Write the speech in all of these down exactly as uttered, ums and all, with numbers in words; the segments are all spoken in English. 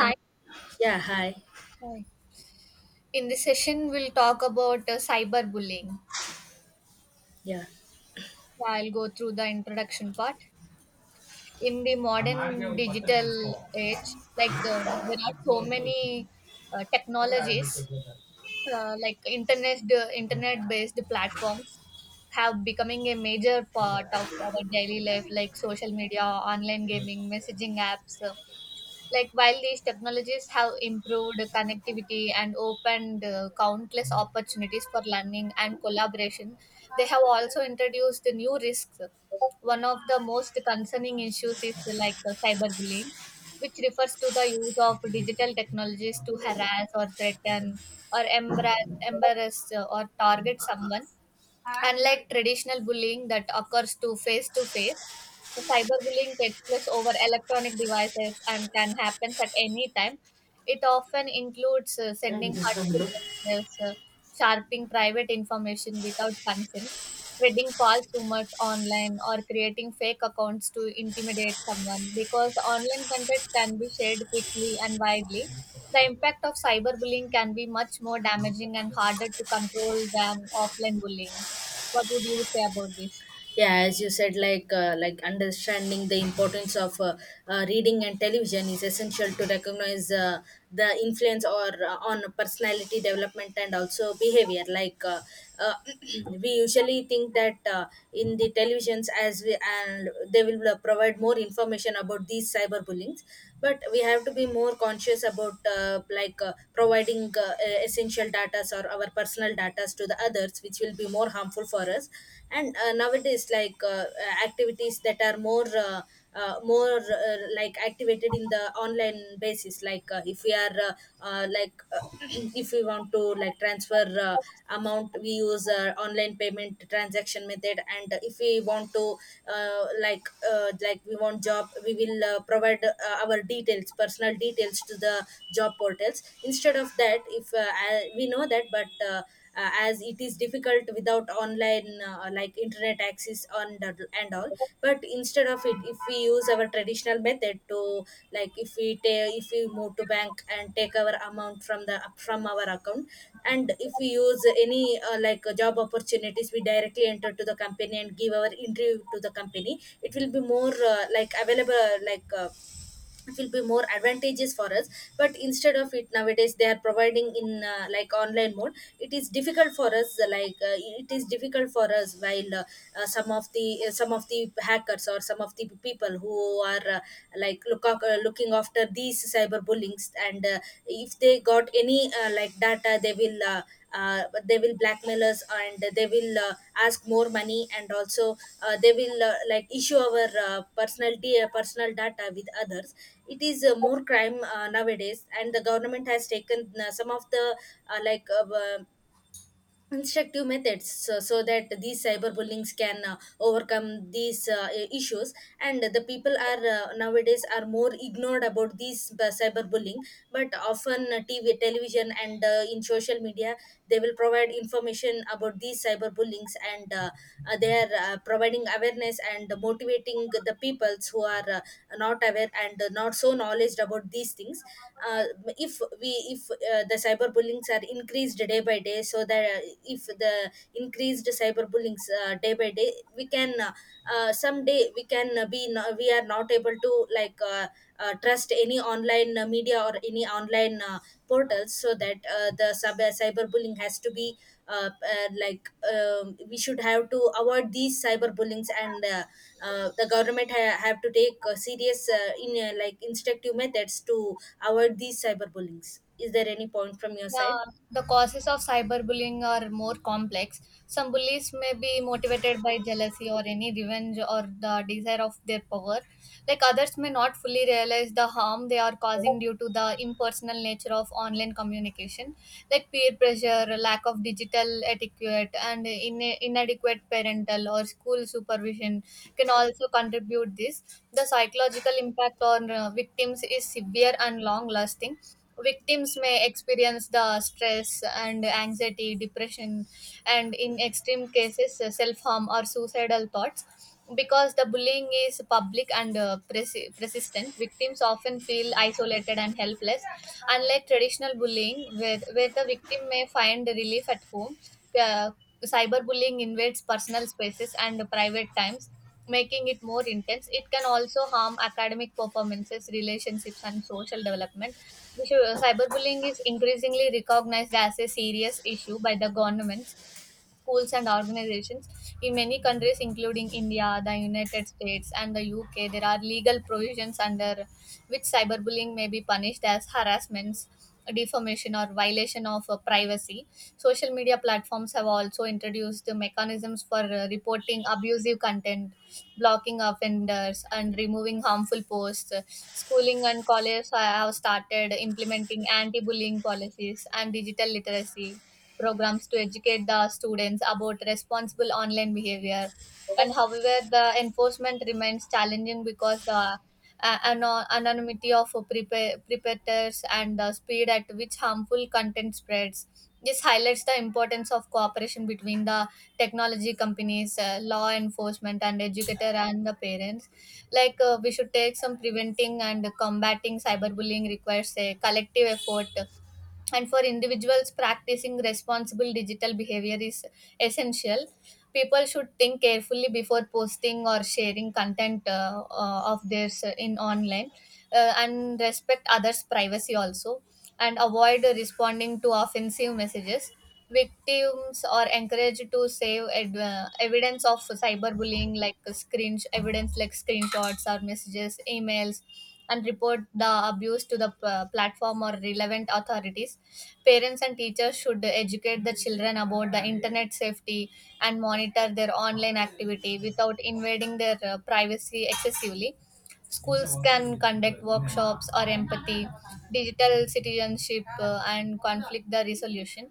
Um, yeah, hi. Hi. In this session, we'll talk about uh, cyberbullying. Yeah. So I'll go through the introduction part. In the modern digital age, like uh, there are so many uh, technologies, uh, like internet internet based platforms have becoming a major part of our daily life, like social media, online gaming, messaging apps. uh, Like, while these technologies have improved connectivity and opened uh, countless opportunities for learning and collaboration, they have also introduced new risks. One of the most concerning issues is like uh, cyberbullying, which refers to the use of digital technologies to harass or threaten or embarrass, embarrass uh, or target someone, unlike traditional bullying that occurs to face to face. The cyberbullying takes place over electronic devices and can happen at any time. It often includes uh, sending hurtful messages, uh, sharping private information without consent, spreading false rumors online, or creating fake accounts to intimidate someone. Because online content can be shared quickly and widely, the impact of cyberbullying can be much more damaging and harder to control than offline bullying. What would you say about this? Yeah, as you said, like uh, like understanding the importance of uh, uh, reading and television is essential to recognize uh, the influence or uh, on personality development and also behavior. Like uh, uh, we usually think that uh, in the televisions as we and they will uh, provide more information about these cyberbullyings, but we have to be more conscious about uh, like uh, providing uh, essential data or our personal data us to the others, which will be more harmful for us. And uh, nowadays like uh, uh, activities that are more uh, uh, more uh, like activated in the online basis, like uh, if we are uh, uh, like uh, if we want to like transfer uh, amount, we use uh, online payment transaction method. And if we want to uh, like uh, like we want job, we will uh, provide uh, our details, personal details, to the job portals. Instead of that, if uh, I, we know that, but uh, uh, as it is difficult without online uh, like internet access and and all. But instead of it, if we use our traditional method to like if we take, if we move to bank and take our amount from the from our account, and if we use any uh, like uh, job opportunities, we directly enter to the company and give our interview to the company, it will be more uh, like available like uh, it will be more advantageous for us. But instead of it, nowadays they are providing in uh, like online mode. It is difficult for us uh, like uh, it is difficult for us while uh, uh, some of the uh, some of the hackers or some of the people who are uh, like look uh, looking after these cyber bullings. And uh, if they got any uh, like data, they will uh, uh, they will blackmail us and they will uh, ask more money, and also uh, they will uh, like issue our uh, personal uh, personal data with others. It is uh, more crime uh, nowadays, and the government has taken uh, some of the uh, like uh, instructive methods, so, so that these cyberbullyings can uh, overcome these uh, i- issues. And the people are uh, nowadays are more ignored about these b- cyberbullying, but often uh, TV, television, and uh, in social media, they will provide information about these cyberbullyings. And uh, uh, they are uh, providing awareness and motivating the peoples who are uh, not aware and not so knowledge about these things. uh, if we if uh, the cyberbullyings are increased day by day, so that uh, if the increased cyberbullyings uh, day by day, we can uh, uh, someday we can uh, be no- we are not able to like uh, uh, trust any online uh, media or any online uh, portals. So that uh, the sub- cyberbullying has to be uh, uh, like um, we should have to avoid these cyberbullyings. And uh, uh, the government ha- have to take uh, serious uh, in uh, like instructive methods to avoid these cyberbullyings. Is there any point from your side? Yeah, the causes of cyberbullying are more complex. Some bullies may be motivated by jealousy or any revenge or the desire of their power. Like others may not fully realize the harm they are causing due to the impersonal nature of online communication, like peer pressure, lack of digital etiquette, and in- inadequate parental or school supervision can also contribute this. The psychological impact on uh, victims is severe and long lasting. Victims may experience the stress and anxiety depression, and in extreme cases uh, self-harm or suicidal thoughts. Because the bullying is public and uh, persi- persistent, victims often feel isolated and helpless, unlike traditional bullying where, where the victim may find relief at home. uh, Cyberbullying invades personal spaces and private times, making it more intense. It can also harm academic performances, relationships, and social development, because cyberbullying is increasingly recognized as a serious issue by the governments, schools and organizations. In many countries, including India, the United States, and the U K, there are legal provisions under which cyberbullying may be punished as harassments, defamation, or violation of uh, privacy. Social media platforms have also introduced the mechanisms for uh, reporting abusive content, blocking offenders, and removing harmful posts. Schooling and colleges have started implementing anti bullying policies and digital literacy programs to educate the students about responsible online behavior. And however, the enforcement remains challenging because the uh, ano- anonymity of prepa- preparators and the speed at which harmful content spreads. This highlights the importance of cooperation between the technology companies, uh, law enforcement, and educator and the parents. Like uh, we should take some preventing and combating cyberbullying requires a collective effort, and for individuals practicing responsible digital behavior is essential. People should think carefully before posting or sharing content uh, uh, of theirs uh, in online, uh, and respect others privacy also, and avoid responding to offensive messages. Victims are encouraged to save ed- uh, evidence of cyberbullying like screen evidence like screenshots or messages emails, and report the abuse to the uh, platform or relevant authorities. Parents and teachers should educate the children about the internet safety and monitor their online activity without invading their uh, privacy excessively. Schools can conduct workshops or empathy, digital citizenship, uh, and conflict the resolution.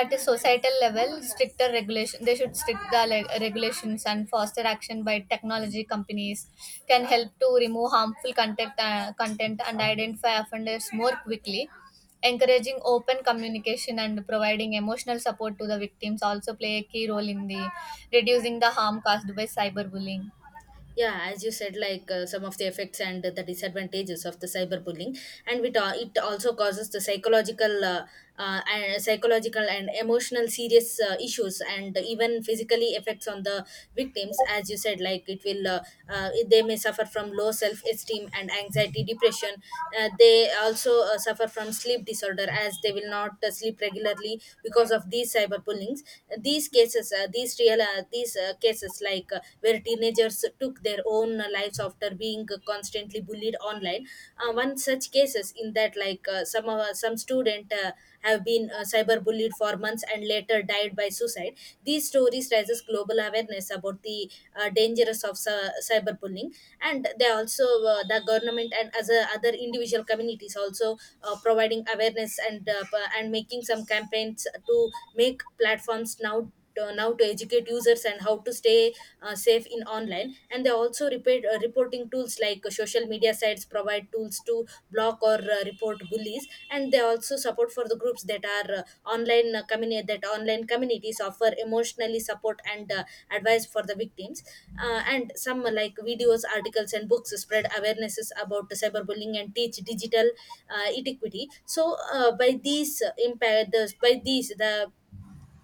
At a societal level, stricter regulation, they should strict the le- regulations and faster action by technology companies can help to remove harmful content, uh, content and identify offenders more quickly. Encouraging open communication and providing emotional support to the victims also play a key role in the reducing the harm caused by cyberbullying. Yeah, as you said, like uh, some of the effects and the disadvantages of the cyberbullying, and it, al- it also causes the psychological uh, uh, and psychological and emotional serious uh, issues and even physically effects on the victims. As you said, like it will uh, uh, they may suffer from low self esteem and anxiety depression. Uh, they also uh, suffer from sleep disorder as they will not uh, sleep regularly because of these cyberbullying. These cases, uh, these real uh, these uh, cases like uh, where teenagers took their own uh, lives after being uh, constantly bullied online. Uh, one such cases in that like uh, some of some student uh, have been uh, cyberbullied for months and later died by suicide. These stories raises global awareness about the uh, dangers of cy- cyberbullying. And they also uh, the government and other other individual communities also uh, providing awareness and uh, p- and making some campaigns to make platforms now to, now to educate users and how to stay uh, safe in online. And they also repeat, uh, reporting tools like social media sites provide tools to block or uh, report bullies, and they also support for the groups that are uh, online uh, communi- that online communities offer emotionally support and uh, advice for the victims. Uh, and some uh, like videos, articles, and books spread awarenesses about the cyberbullying and teach digital uh, etiquity. So uh, by these uh, impact the, by these the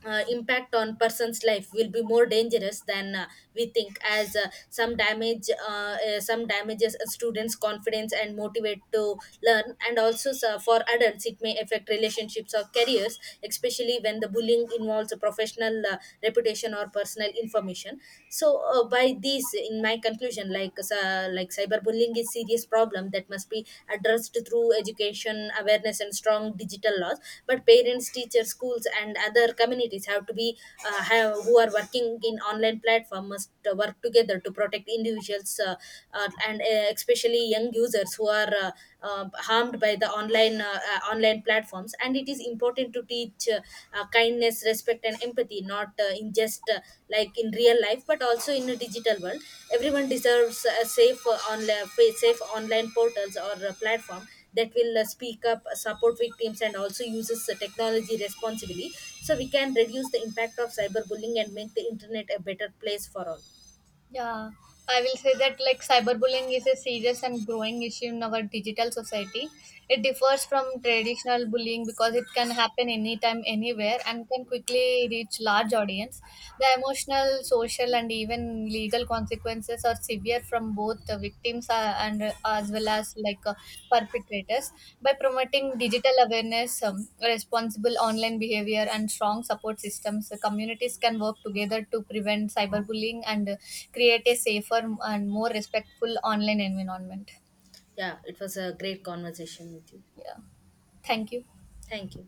uh, impact on person's life will be more dangerous than uh, we think. As uh, some damage uh, uh, some damages a students confidence and motivate to learn. And also so for adults it may affect relationships or careers, especially when the bullying involves a professional uh, reputation or personal information. So uh, by these, in my conclusion, like uh, uh, like cyberbullying is serious problem that must be addressed through education, awareness, and strong digital laws. But parents, teachers, schools, and other communities have to be uh, have, who are working in online platform must uh, work together to protect individuals, uh, uh, and uh, especially young users, who are uh, uh, harmed by the online uh, uh, online platforms. And it is important to teach uh, uh, kindness, respect, and empathy, not uh, in just uh, like in real life, but also in a digital world. Everyone deserves a safe uh, online safe online portals or a platform, that will uh, speak up, support victims, and also uses the technology responsibly. So we can reduce the impact of cyberbullying and make the internet a better place for all. Yeah, I will say that like cyberbullying is a serious and growing issue in our digital society. It differs from traditional bullying because it can happen anytime, anywhere, and can quickly reach large audience. The emotional, social, and even legal consequences are severe from both the victims are, and uh, as well as like uh, perpetrators. By promoting digital awareness, um, responsible online behavior and strong support systems, the communities can work together to prevent cyberbullying and uh, create a safer and more respectful online environment. Yeah, it was a great conversation with you. Yeah, thank you. Thank you.